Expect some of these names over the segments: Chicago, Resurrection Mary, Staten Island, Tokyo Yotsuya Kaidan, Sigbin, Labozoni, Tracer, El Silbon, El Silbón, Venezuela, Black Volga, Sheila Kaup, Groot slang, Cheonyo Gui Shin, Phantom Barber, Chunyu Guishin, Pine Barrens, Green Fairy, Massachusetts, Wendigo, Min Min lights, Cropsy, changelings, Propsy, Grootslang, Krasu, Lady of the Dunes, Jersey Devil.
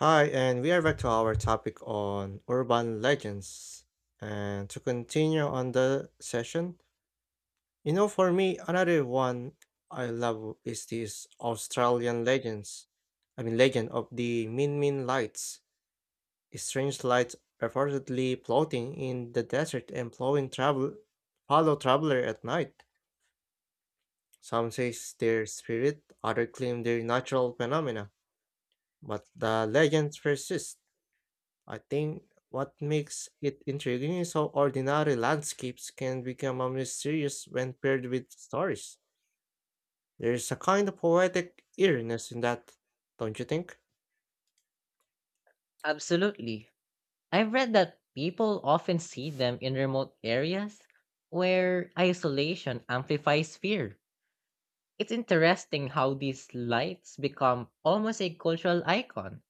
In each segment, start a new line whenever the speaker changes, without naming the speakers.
Hi, and we are back to our topic on urban legends. And to continue on the session, for me, another one I love is this Australian legends. I mean, legend of the Min Min lights, a strange light reportedly floating in the desert and following traveler at night. Some say it's their spirit, others claim they're natural phenomena, but the legends persist. I think what makes it intriguing is how ordinary landscapes can become a mysterious when paired with stories. There's a kind of poetic eeriness in that, don't you think?
Absolutely. I've read that people often see them in remote areas where isolation amplifies fear. It's interesting how these lights become almost a cultural icon,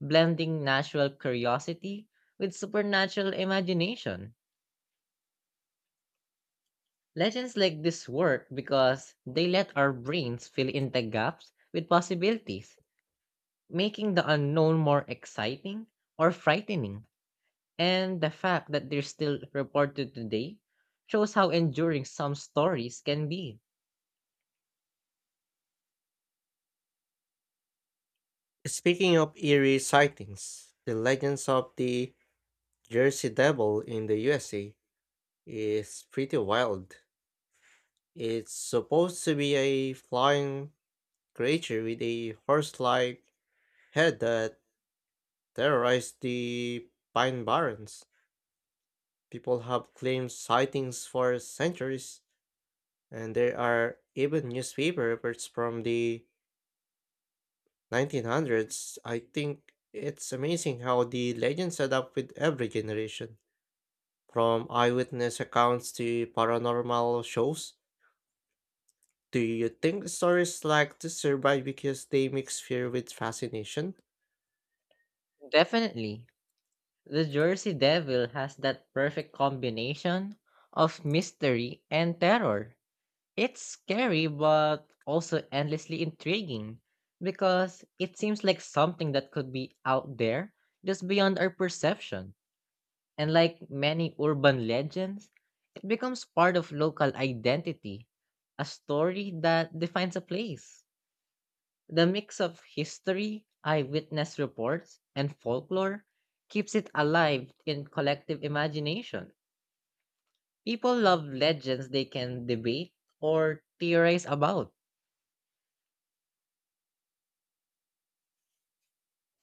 blending natural curiosity with supernatural imagination. Legends like this work because they let our brains fill in the gaps with possibilities, making the unknown more exciting or frightening. And the fact that they're still reported today shows how enduring some stories can be.
Speaking of eerie sightings, the legends of the Jersey Devil in the USA is pretty wild. It's supposed to be a flying creature with a horse like head that terrorized the Pine Barrens. People have claimed sightings for centuries, and there are even newspaper reports from the 1900s. I think it's amazing how the legends adapt with every generation. From eyewitness accounts to paranormal shows, do you think stories like this survive because they mix fear with fascination?
Definitely, the Jersey Devil has that perfect combination of mystery and terror. It's scary but also endlessly intriguing because it seems like something that could be out there just beyond our perception. And like many urban legends, it becomes part of local identity, a story that defines a place. The mix of history, eyewitness reports, and folklore keeps it alive in collective imagination. People love legends they can debate or theorize about.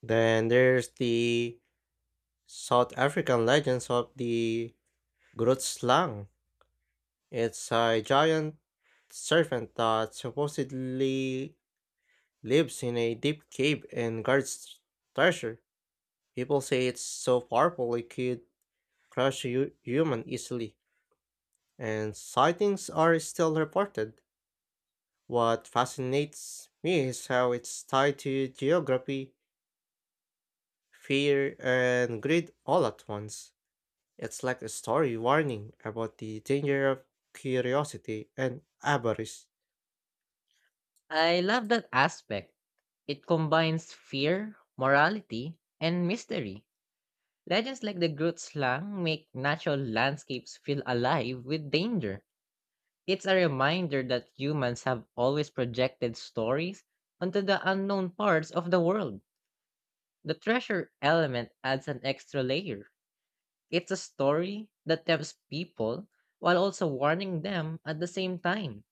Then there's the South African legends of the Grootslang. It's a giant serpent that supposedly lives in a deep cave and guards treasure. People say it's so powerful it could crush a human easily, and sightings are still reported. What fascinates me is how it's tied to geography, fear, and greed all at once. It's like a story warning about the danger of curiosity and avarice.
I love that aspect. It combines fear, morality, and mystery. Legends like the Groot slang make natural landscapes feel alive with danger. It's a reminder that humans have always projected stories onto the unknown parts of the world. The treasure element adds an extra layer. It's a story that tempts people while also warning them at the same time.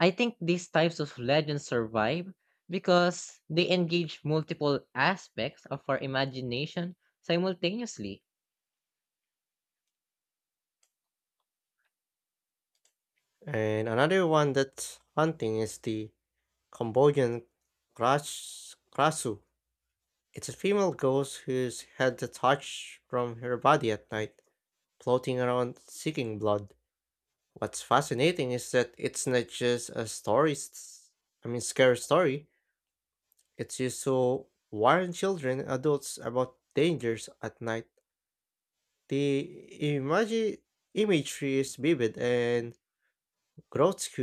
I think these types of legends survive because they engage multiple aspects of our imagination simultaneously.
And another one that's hunting is the Cambodian Krasu. It's a female ghost whose head detached from her body at night, floating around seeking blood. What's fascinating is that it's not just a story, s- I mean, scary story. It's also warn children and adults about dangers at night. The imagery is vivid and grotesque,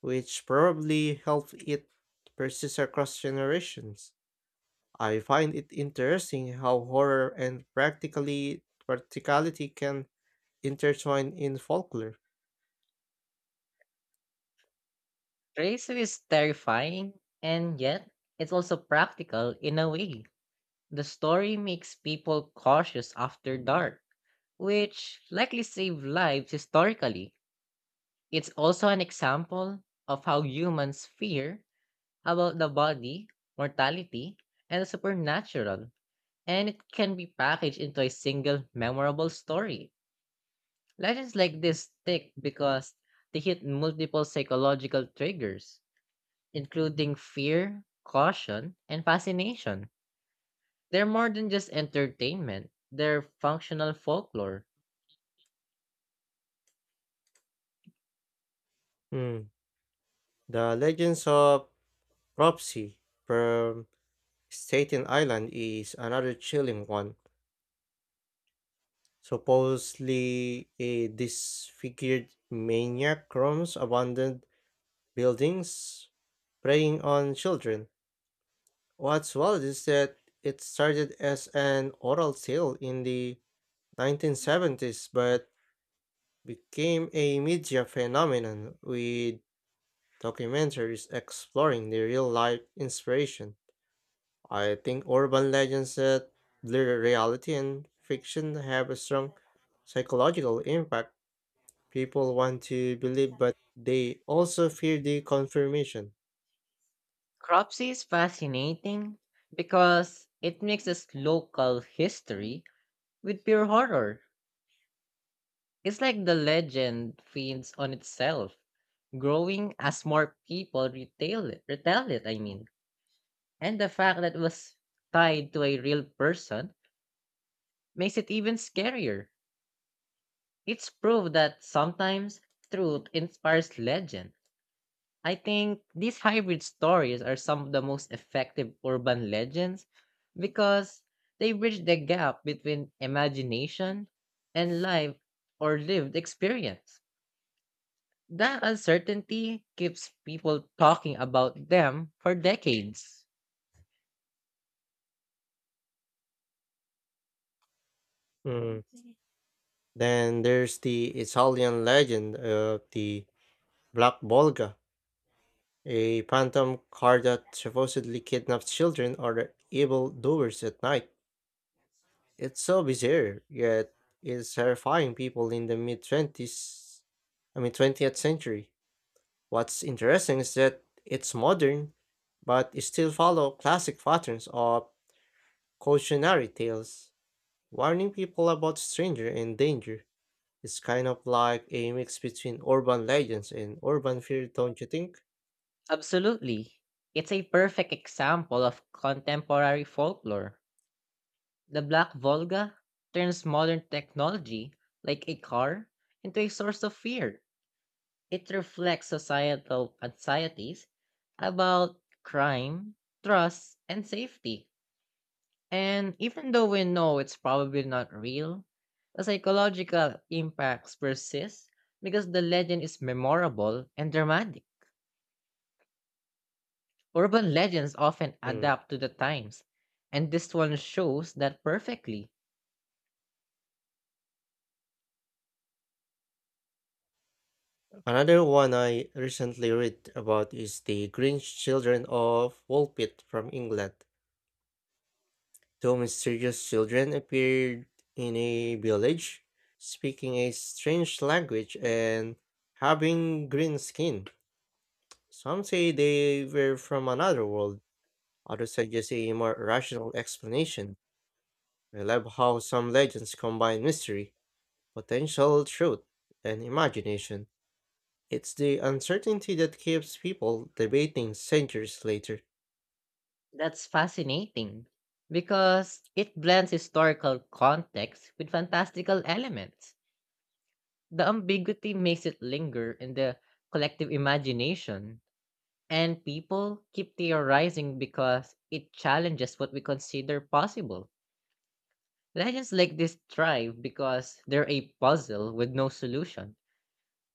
which probably helped it persist across generations. I find it interesting how horror and practically practicality can intertwine in folklore.
Tracer is terrifying, and yet it's also practical in a way. The story makes people cautious after dark, which likely saved lives historically. It's also an example of how humans fear about the body, mortality, and the supernatural, and it can be packaged into a single memorable story. Legends like this stick because they hit multiple psychological triggers, including fear, caution, and fascination. They're more than just entertainment, they're functional folklore.
Hmm, The legends of Propsy from Staten Island is another chilling one. Supposedly, a disfigured maniac roams abandoned buildings, preying on children. What's wild is that it started as an oral tale in the 1970s but became a media phenomenon with documentaries exploring the real life inspiration. I think urban legends that blur reality and fiction have a strong psychological impact. People want to believe, but they also fear the confirmation.
Cropsy is fascinating because it mixes local history with pure horror. It's like the legend feeds on itself, growing as more people retell it. And the fact that it was tied to a real person makes it even scarier. It's proof that sometimes truth inspires legend. I think these hybrid stories are some of the most effective urban legends because they bridge the gap between imagination and life or lived experience. That uncertainty keeps people talking about them for decades.
Mm. Then there's the Italian legend of the Black Volga, a phantom car that supposedly kidnaps children or evil doers at night. It's so bizarre, yet it's terrifying people in the mid 20s, I mean 20th century. What's interesting is that it's modern, but it still follow classic patterns of cautionary tales, warning people about stranger and danger. It's kind of like a mix between urban legends and urban fear, don't you think?
Absolutely. It's a perfect example of contemporary folklore. The Black Volga turns modern technology, like a car, into a source of fear. It reflects societal anxieties about crime, trust, and safety. And even though we know it's probably not real, the psychological impacts persist because the legend is memorable and dramatic. Urban legends often
Hmm.
adapt to the times, and this one shows that perfectly.
Another one I recently read about is the Grinch Children of Woolpit from England. Two mysterious children appeared in a village, speaking a strange language and having green skin. Some say they were from another world, others suggest a more rational explanation. I love how some legends combine mystery, potential truth, and imagination. It's the uncertainty that keeps people debating centuries later.
That's fascinating because it blends historical context with fantastical elements. The ambiguity makes it linger in the collective imagination. And people keep theorizing because it challenges what we consider possible. Legends like this thrive because they're a puzzle with no solution,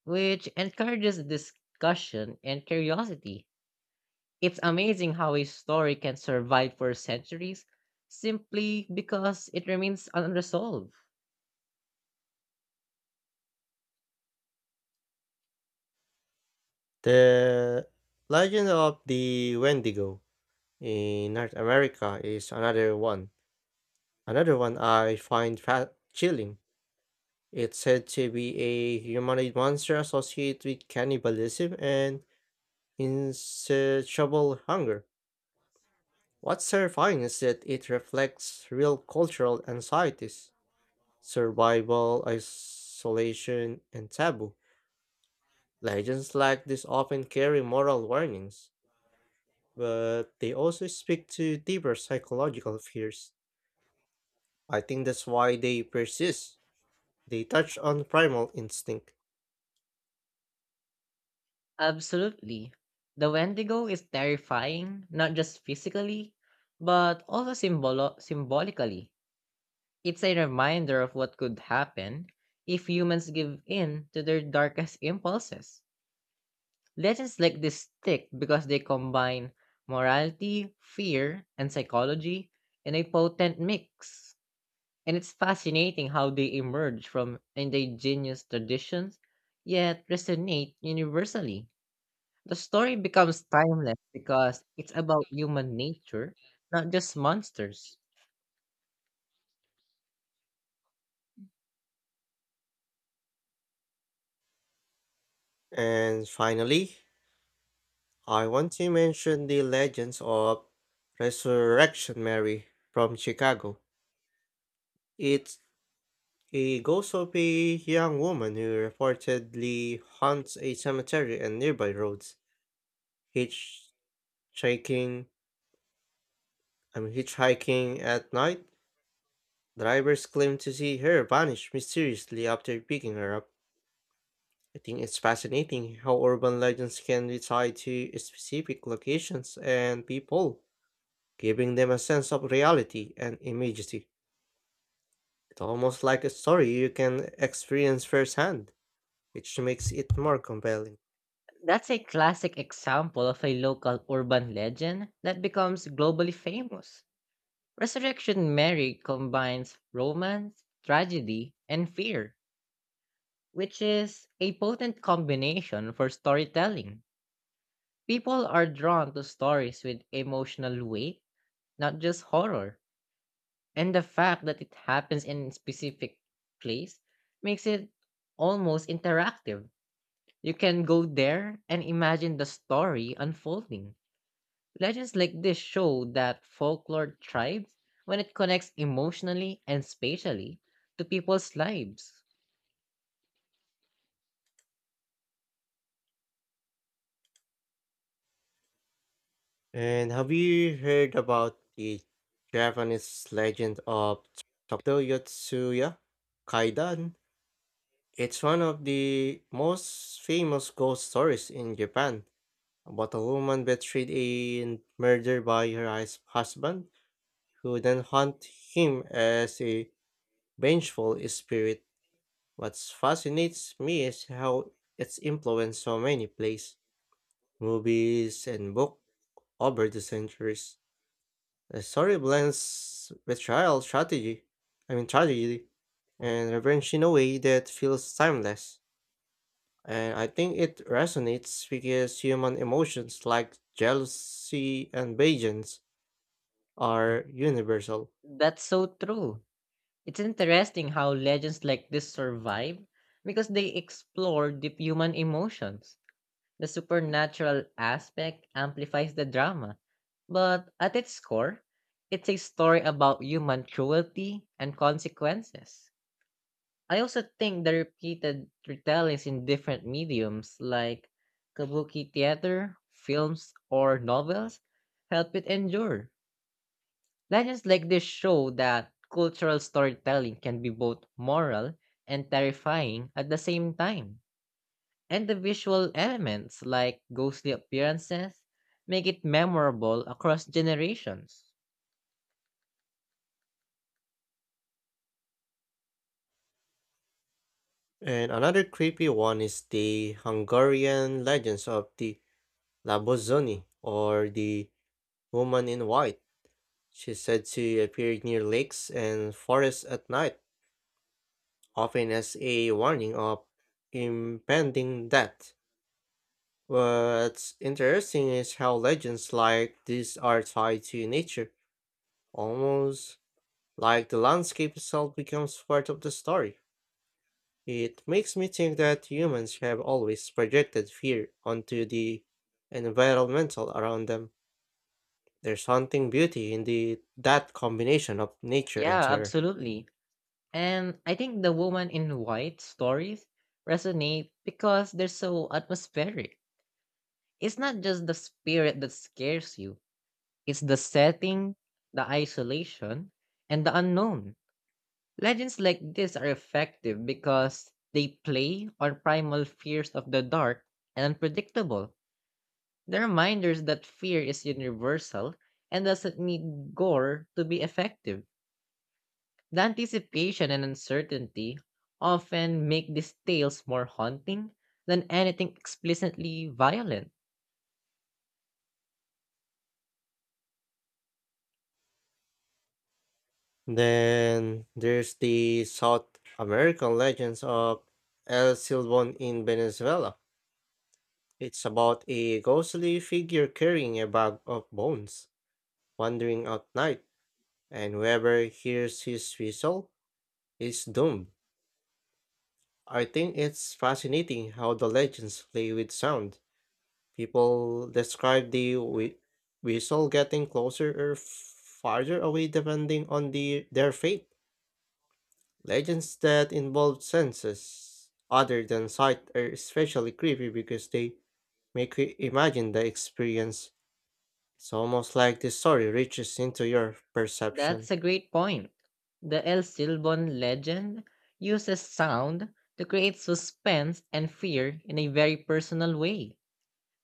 which encourages discussion and curiosity. It's amazing how a story can survive for centuries simply because it remains unresolved.
The legend of the Wendigo in North America is another one. Another one I find chilling. It's said to be a humanoid monster associated with cannibalism and insatiable hunger. What's terrifying is that it reflects real cultural anxieties, survival, isolation, and taboo. Legends like this often carry moral warnings, but they also speak to deeper psychological fears. I think that's why they persist. They touch on primal instinct.
Absolutely. The Wendigo is terrifying, not just physically, but also symbolically. It's a reminder of what could happen if humans give in to their darkest impulses. Legends like this stick because they combine morality, fear, and psychology in a potent mix. And it's fascinating how they emerge from indigenous traditions yet resonate universally. The story becomes timeless because it's about human nature, not just monsters.
And finally, I want to mention the legends of Resurrection Mary from Chicago. It's a ghost of a young woman who reportedly haunts a cemetery and nearby roads, hitchhiking, I mean hitchhiking at night. Drivers claim to see her vanish mysteriously after picking her up. I think it's fascinating how urban legends can be tied to specific locations and people, giving them a sense of reality and immediacy. It's almost like a story you can experience firsthand, which makes it more compelling.
That's a classic example of a local urban legend that becomes globally famous. Resurrection Mary combines romance, tragedy, and fear, which is a potent combination for storytelling. People are drawn to stories with emotional weight, not just horror. And the fact that it happens in a specific place makes it almost interactive. You can go there and imagine the story unfolding. Legends like this show that folklore thrives when it connects emotionally and spatially to people's lives.
And have you heard about the Japanese legend of Tokyo Yotsuya Kaidan? It's one of the most famous ghost stories in Japan about a woman betrayed and murdered by her husband, who then hunt him as a vengeful spirit. What fascinates me is how it's influenced so many plays, movies, and books over the centuries. The story blends betrayal strategy, I mean tragedy, and revenge in a way that feels timeless. And I think it resonates because human emotions like jealousy and vengeance are universal.
That's so true. It's interesting how legends like this survive because they explore deep human emotions. The supernatural aspect amplifies the drama, but at its core, it's a story about human cruelty and consequences. I also think the repeated retellings in different mediums like kabuki theater, films, or novels help it endure. Legends like this show that cultural storytelling can be both moral and terrifying at the same time. And the visual elements like ghostly appearances make it memorable across generations.
And another creepy one is the Hungarian legends of the Labozoni or the woman in white. She's said to appear near lakes and forests at night, often as a warning of impending death. What's interesting is how legends like these are tied to nature, almost like the landscape itself becomes part of the story. It makes me think that humans have always projected fear onto the environmental around them. There's haunting beauty in the that combination of nature and
Yeah,
terror.
absolutely. And I think the woman in white stories resonate because they're so atmospheric. It's not just the spirit that scares you, it's the setting, the isolation, and the unknown. Legends like this are effective because they play on primal fears of the dark and unpredictable. They're reminders that fear is universal and doesn't need gore to be effective. The anticipation and uncertainty often make these tales more haunting than anything explicitly violent.
Then there's the South American legends of El Silbón in Venezuela. It's about a ghostly figure carrying a bag of bones, wandering at night, and whoever hears his whistle is doomed. I think it's fascinating how the legends play with sound. People describe the whistle getting closer or farther away depending on their fate. Legends that involve senses other than sight are especially creepy because they make you imagine the experience. It's almost like the story reaches into your perception.
That's a great point. The El Silbon legend uses sound to create suspense and fear in a very personal way.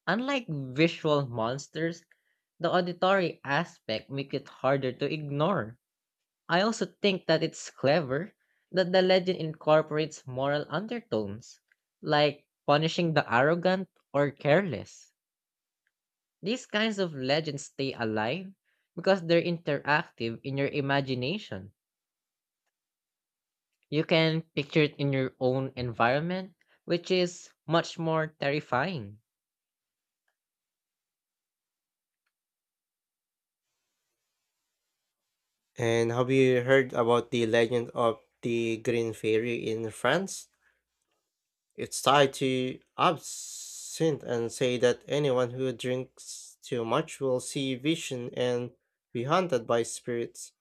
Unlike visual monsters, the auditory aspect makes it harder to ignore. I also think that it's clever that the legend incorporates moral undertones, like punishing the arrogant or careless. These kinds of legends stay alive because they're interactive in your imagination. You can picture it in your own environment, which is much more terrifying.
And have you heard about the legend of the Green Fairy in France? It's tied to absinthe and say that anyone who drinks too much will see vision and be haunted by spirits.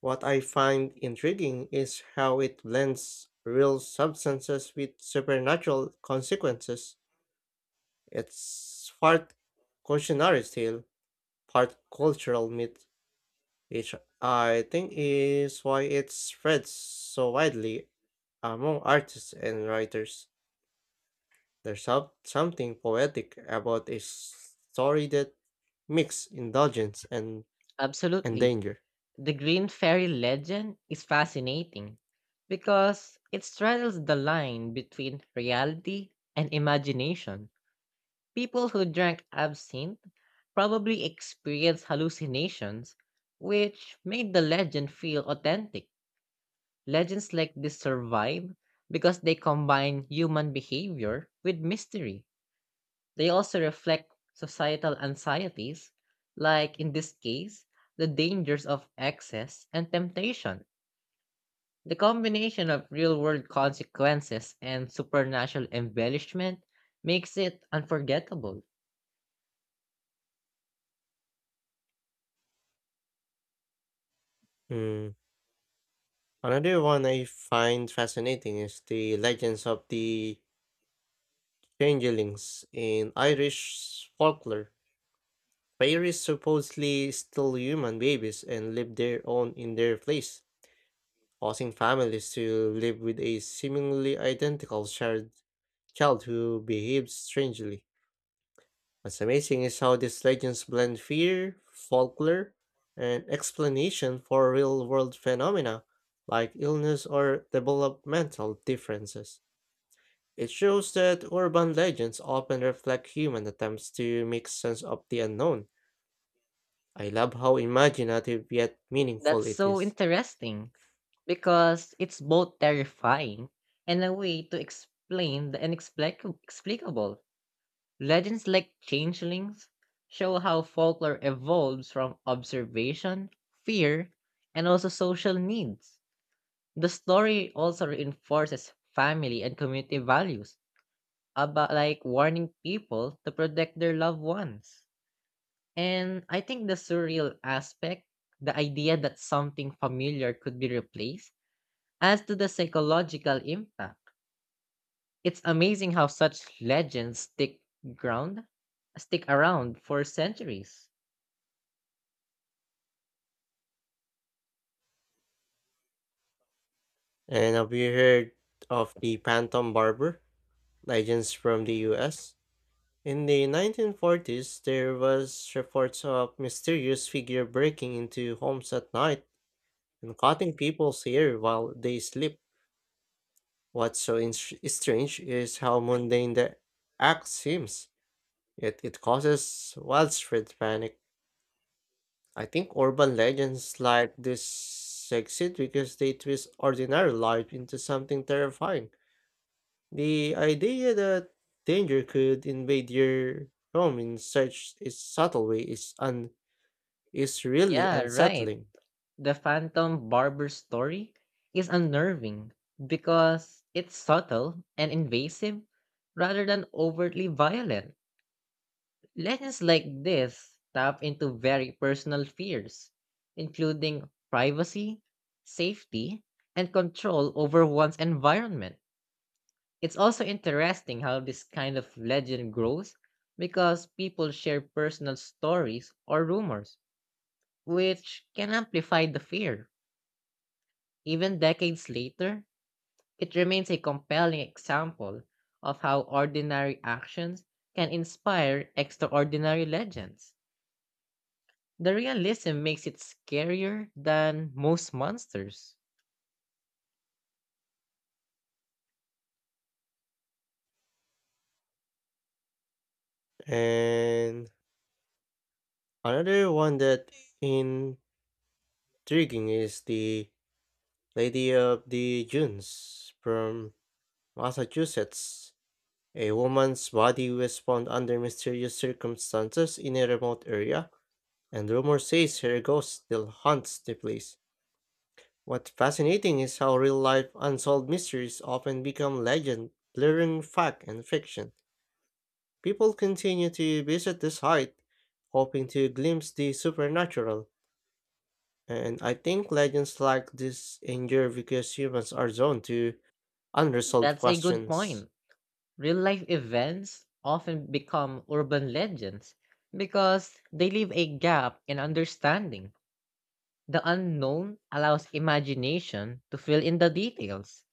What I find intriguing is how it blends real substances with supernatural consequences. It's part cautionary tale, part cultural myth, which I think is why it spreads so widely among artists and writers. There's something poetic about a story that mix indulgence and
Absolutely.
danger.
The Green Fairy legend is fascinating because it straddles the line between reality and imagination. People who drank absinthe probably experienced hallucinations, which made the legend feel authentic. Legends like this survive because they combine human behavior with mystery. They also reflect societal anxieties, like in this case, the dangers of excess and temptation. The combination of real world consequences and supernatural embellishment makes it unforgettable.
Mm. Another one I find fascinating is the legends of the changelings in Irish folklore. Fairies supposedly steal human babies and live their own in their place, causing families to live with a seemingly identical child who behaves strangely. What's amazing is how these legends blend fear, folklore, and explanation for real world phenomena like illness or developmental differences. It shows that urban legends often reflect human attempts to make sense of the unknown. I love how imaginative yet meaningful
That's
it
so
is.
interesting, because it's both terrifying and a way to explain the explicable. Legends like changelings show how folklore evolves from observation, fear, and also social needs. The story also reinforces family and community values about like warning people to protect their loved ones. And I think the surreal aspect, the idea that something familiar could be replaced as to the psychological impact, it's amazing how such legends ground stick around for centuries.
And have you heard of the Phantom Barber? Legends from the US? In the 1940s, there was reports of mysterious figure breaking into homes at night and cutting people's hair while they sleep. What's so strange is how mundane the act seems, yet it causes widespread panic. I think urban legends like this succeed because they twist ordinary life into something terrifying. The idea that danger could invade your home in such a subtle way is really
Yeah, right.
unsettling.
The phantom barber story is unnerving because it's subtle and invasive rather than overtly violent. Legends like this tap into very personal fears, including privacy, safety, and control over one's environment. It's also interesting how this kind of legend grows because people share personal stories or rumors, which can amplify the fear. Even decades later, it remains a compelling example of how ordinary actions can inspire extraordinary legends. The realism makes it scarier than most monsters.
And another one that intriguing is the Lady of the Dunes from Massachusetts. A woman's body was found under mysterious circumstances in a remote area, and rumor says her ghost still haunts the place. What's fascinating is how real life unsolved mysteries often become legend, blurring fact and fiction. People continue to visit the site, hoping to glimpse the supernatural, and I think legends like this endure because humans are drawn to unresolved
That's a good
questions.
point. Real life events often become urban legends because they leave a gap in understanding. The unknown allows imagination to fill in the details.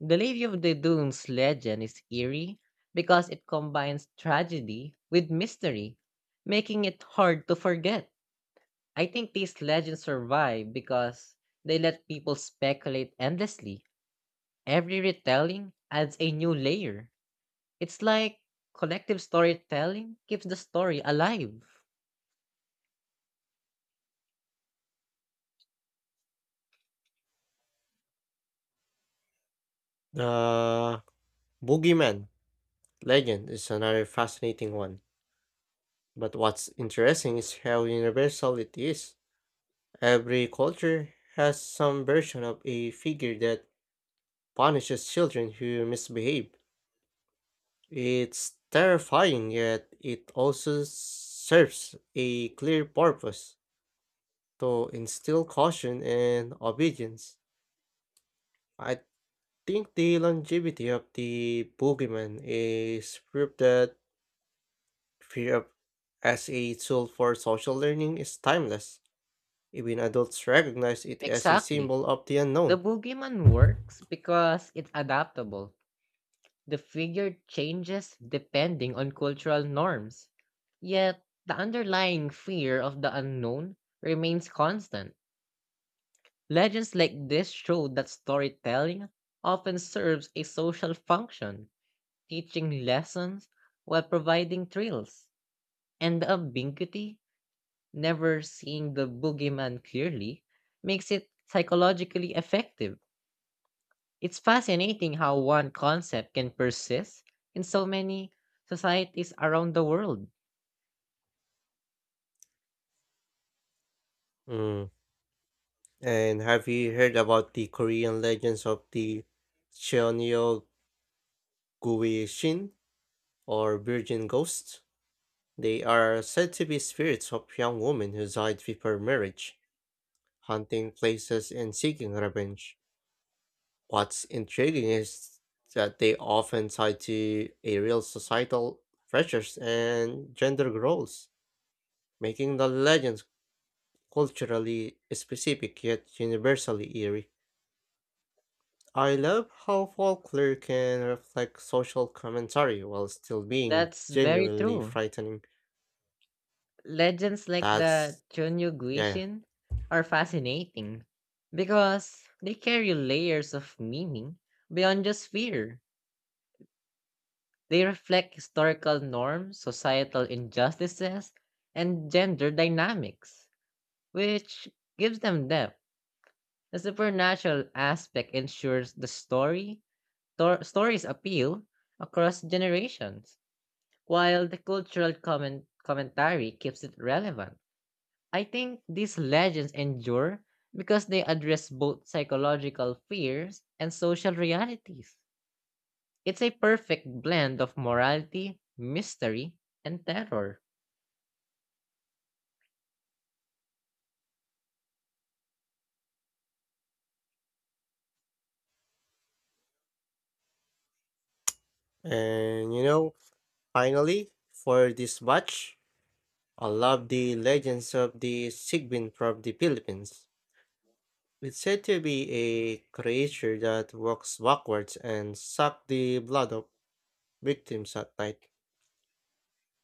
The Lady of the Dunes legend is eerie because it combines tragedy with mystery, making it hard to forget. I think these legends survive because they let people speculate endlessly. Every retelling adds a new layer. It's like collective storytelling keeps the story alive.
The boogeyman legend is another fascinating one, but what's interesting is how universal it is. Every culture has some version of a figure that punishes children who misbehave. It's terrifying, yet it also serves a clear purpose to instill caution and obedience. I think the longevity of the boogeyman is proof that fear of- as a tool for social learning is timeless. Even adults recognize it as a
Exactly.
symbol of the
The
unknown.
boogeyman works because it's adaptable. The figure changes depending on cultural norms. Yet, the underlying fear of the unknown remains constant. Legends like this show that storytelling often serves a social function, teaching lessons while providing thrills. And the ambiguity, never seeing the boogeyman clearly, makes it psychologically effective. It's fascinating how one concept can persist in so many societies around the world.
Mm. And have you heard about the Korean legends of the Cheonyo Gui Shin or Virgin Ghost? They are said to be spirits of young women who died before marriage, hunting places and seeking revenge. What's intriguing is that they often tie to a real societal pressures and gender roles, making the legends culturally specific yet universally eerie. I love how folklore can reflect social commentary while still being
That's very
genuinely
true.
frightening.
Legends like the
That's
Chunyu
yeah.
Guishin are fascinating because they carry layers of meaning beyond just fear. They reflect historical norms, societal injustices, and gender dynamics, which gives them depth. The supernatural aspect ensures the story's appeal across generations, while the cultural commentary keeps it relevant. I think these legends endure because they address both psychological fears and social realities. It's a perfect blend of morality, mystery, and terror.
And you know, Finally, for this batch, I love the legends of the Sigbin from the Philippines. It's said to be a creature that walks backwards and sucks the blood of victims at night.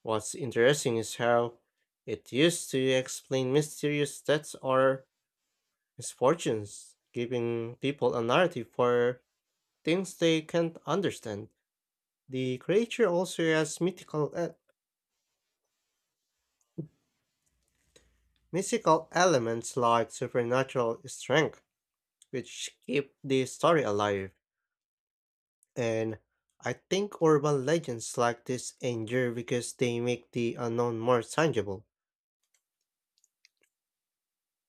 What's interesting is how it used to explain mysterious deaths or misfortunes, giving people a narrative for things they can't understand. The creature also has mystical elements like supernatural strength which keep the story alive. And I think urban legends like this endure because they make the unknown more tangible.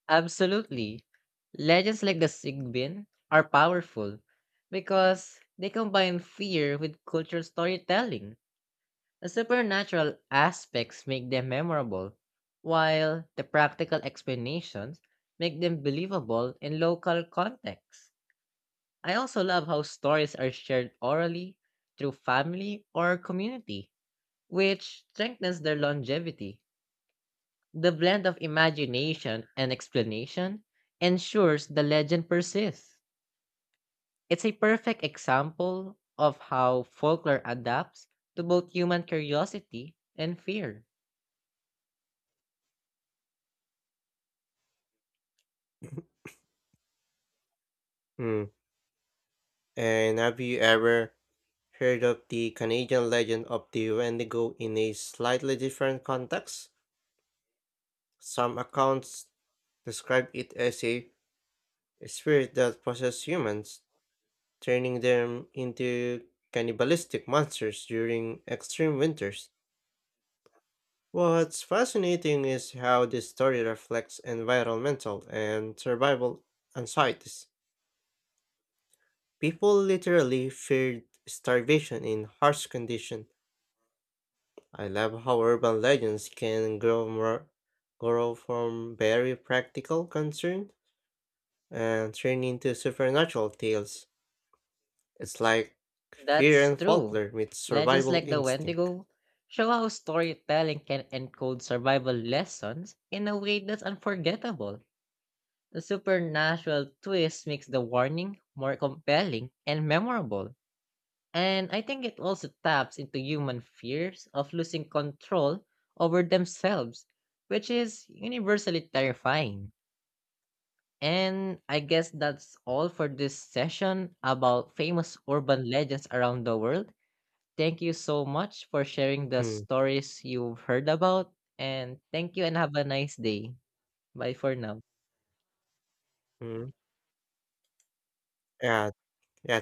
Absolutely. Legends like the Sigbin are powerful because they combine fear with cultural storytelling. The supernatural aspects make them memorable, while the practical explanations make them believable in local contexts. I also love how stories are shared orally through family or community, which strengthens their longevity. The blend of imagination and explanation ensures the legend persists. It's a perfect example of how folklore adapts to both human curiosity and fear.
Hmm. And have you ever heard of the Canadian legend of the Wendigo in a slightly different context? Some accounts describe it as a spirit that possesses humans, turning them into cannibalistic monsters during extreme winters. What's fascinating is how this story reflects environmental and survival anxieties. People literally feared starvation in harsh conditions. I love how urban legends can grow from very practical concern and turn into supernatural tales. It's like fear
That's
and
true.
folklore with
Legends
survival
like the
instinct.
Wendigo show how storytelling can encode survival lessons in a way that's unforgettable. The supernatural twist makes the warning more compelling and memorable. And I think it also taps into human fears of losing control over themselves, which is universally terrifying. And I guess that's all for this session about famous urban legends around the world. Thank you so much for sharing the stories you've heard about. And thank you and have a nice day. Bye for now.
Mm-hmm. Yeah, yeah,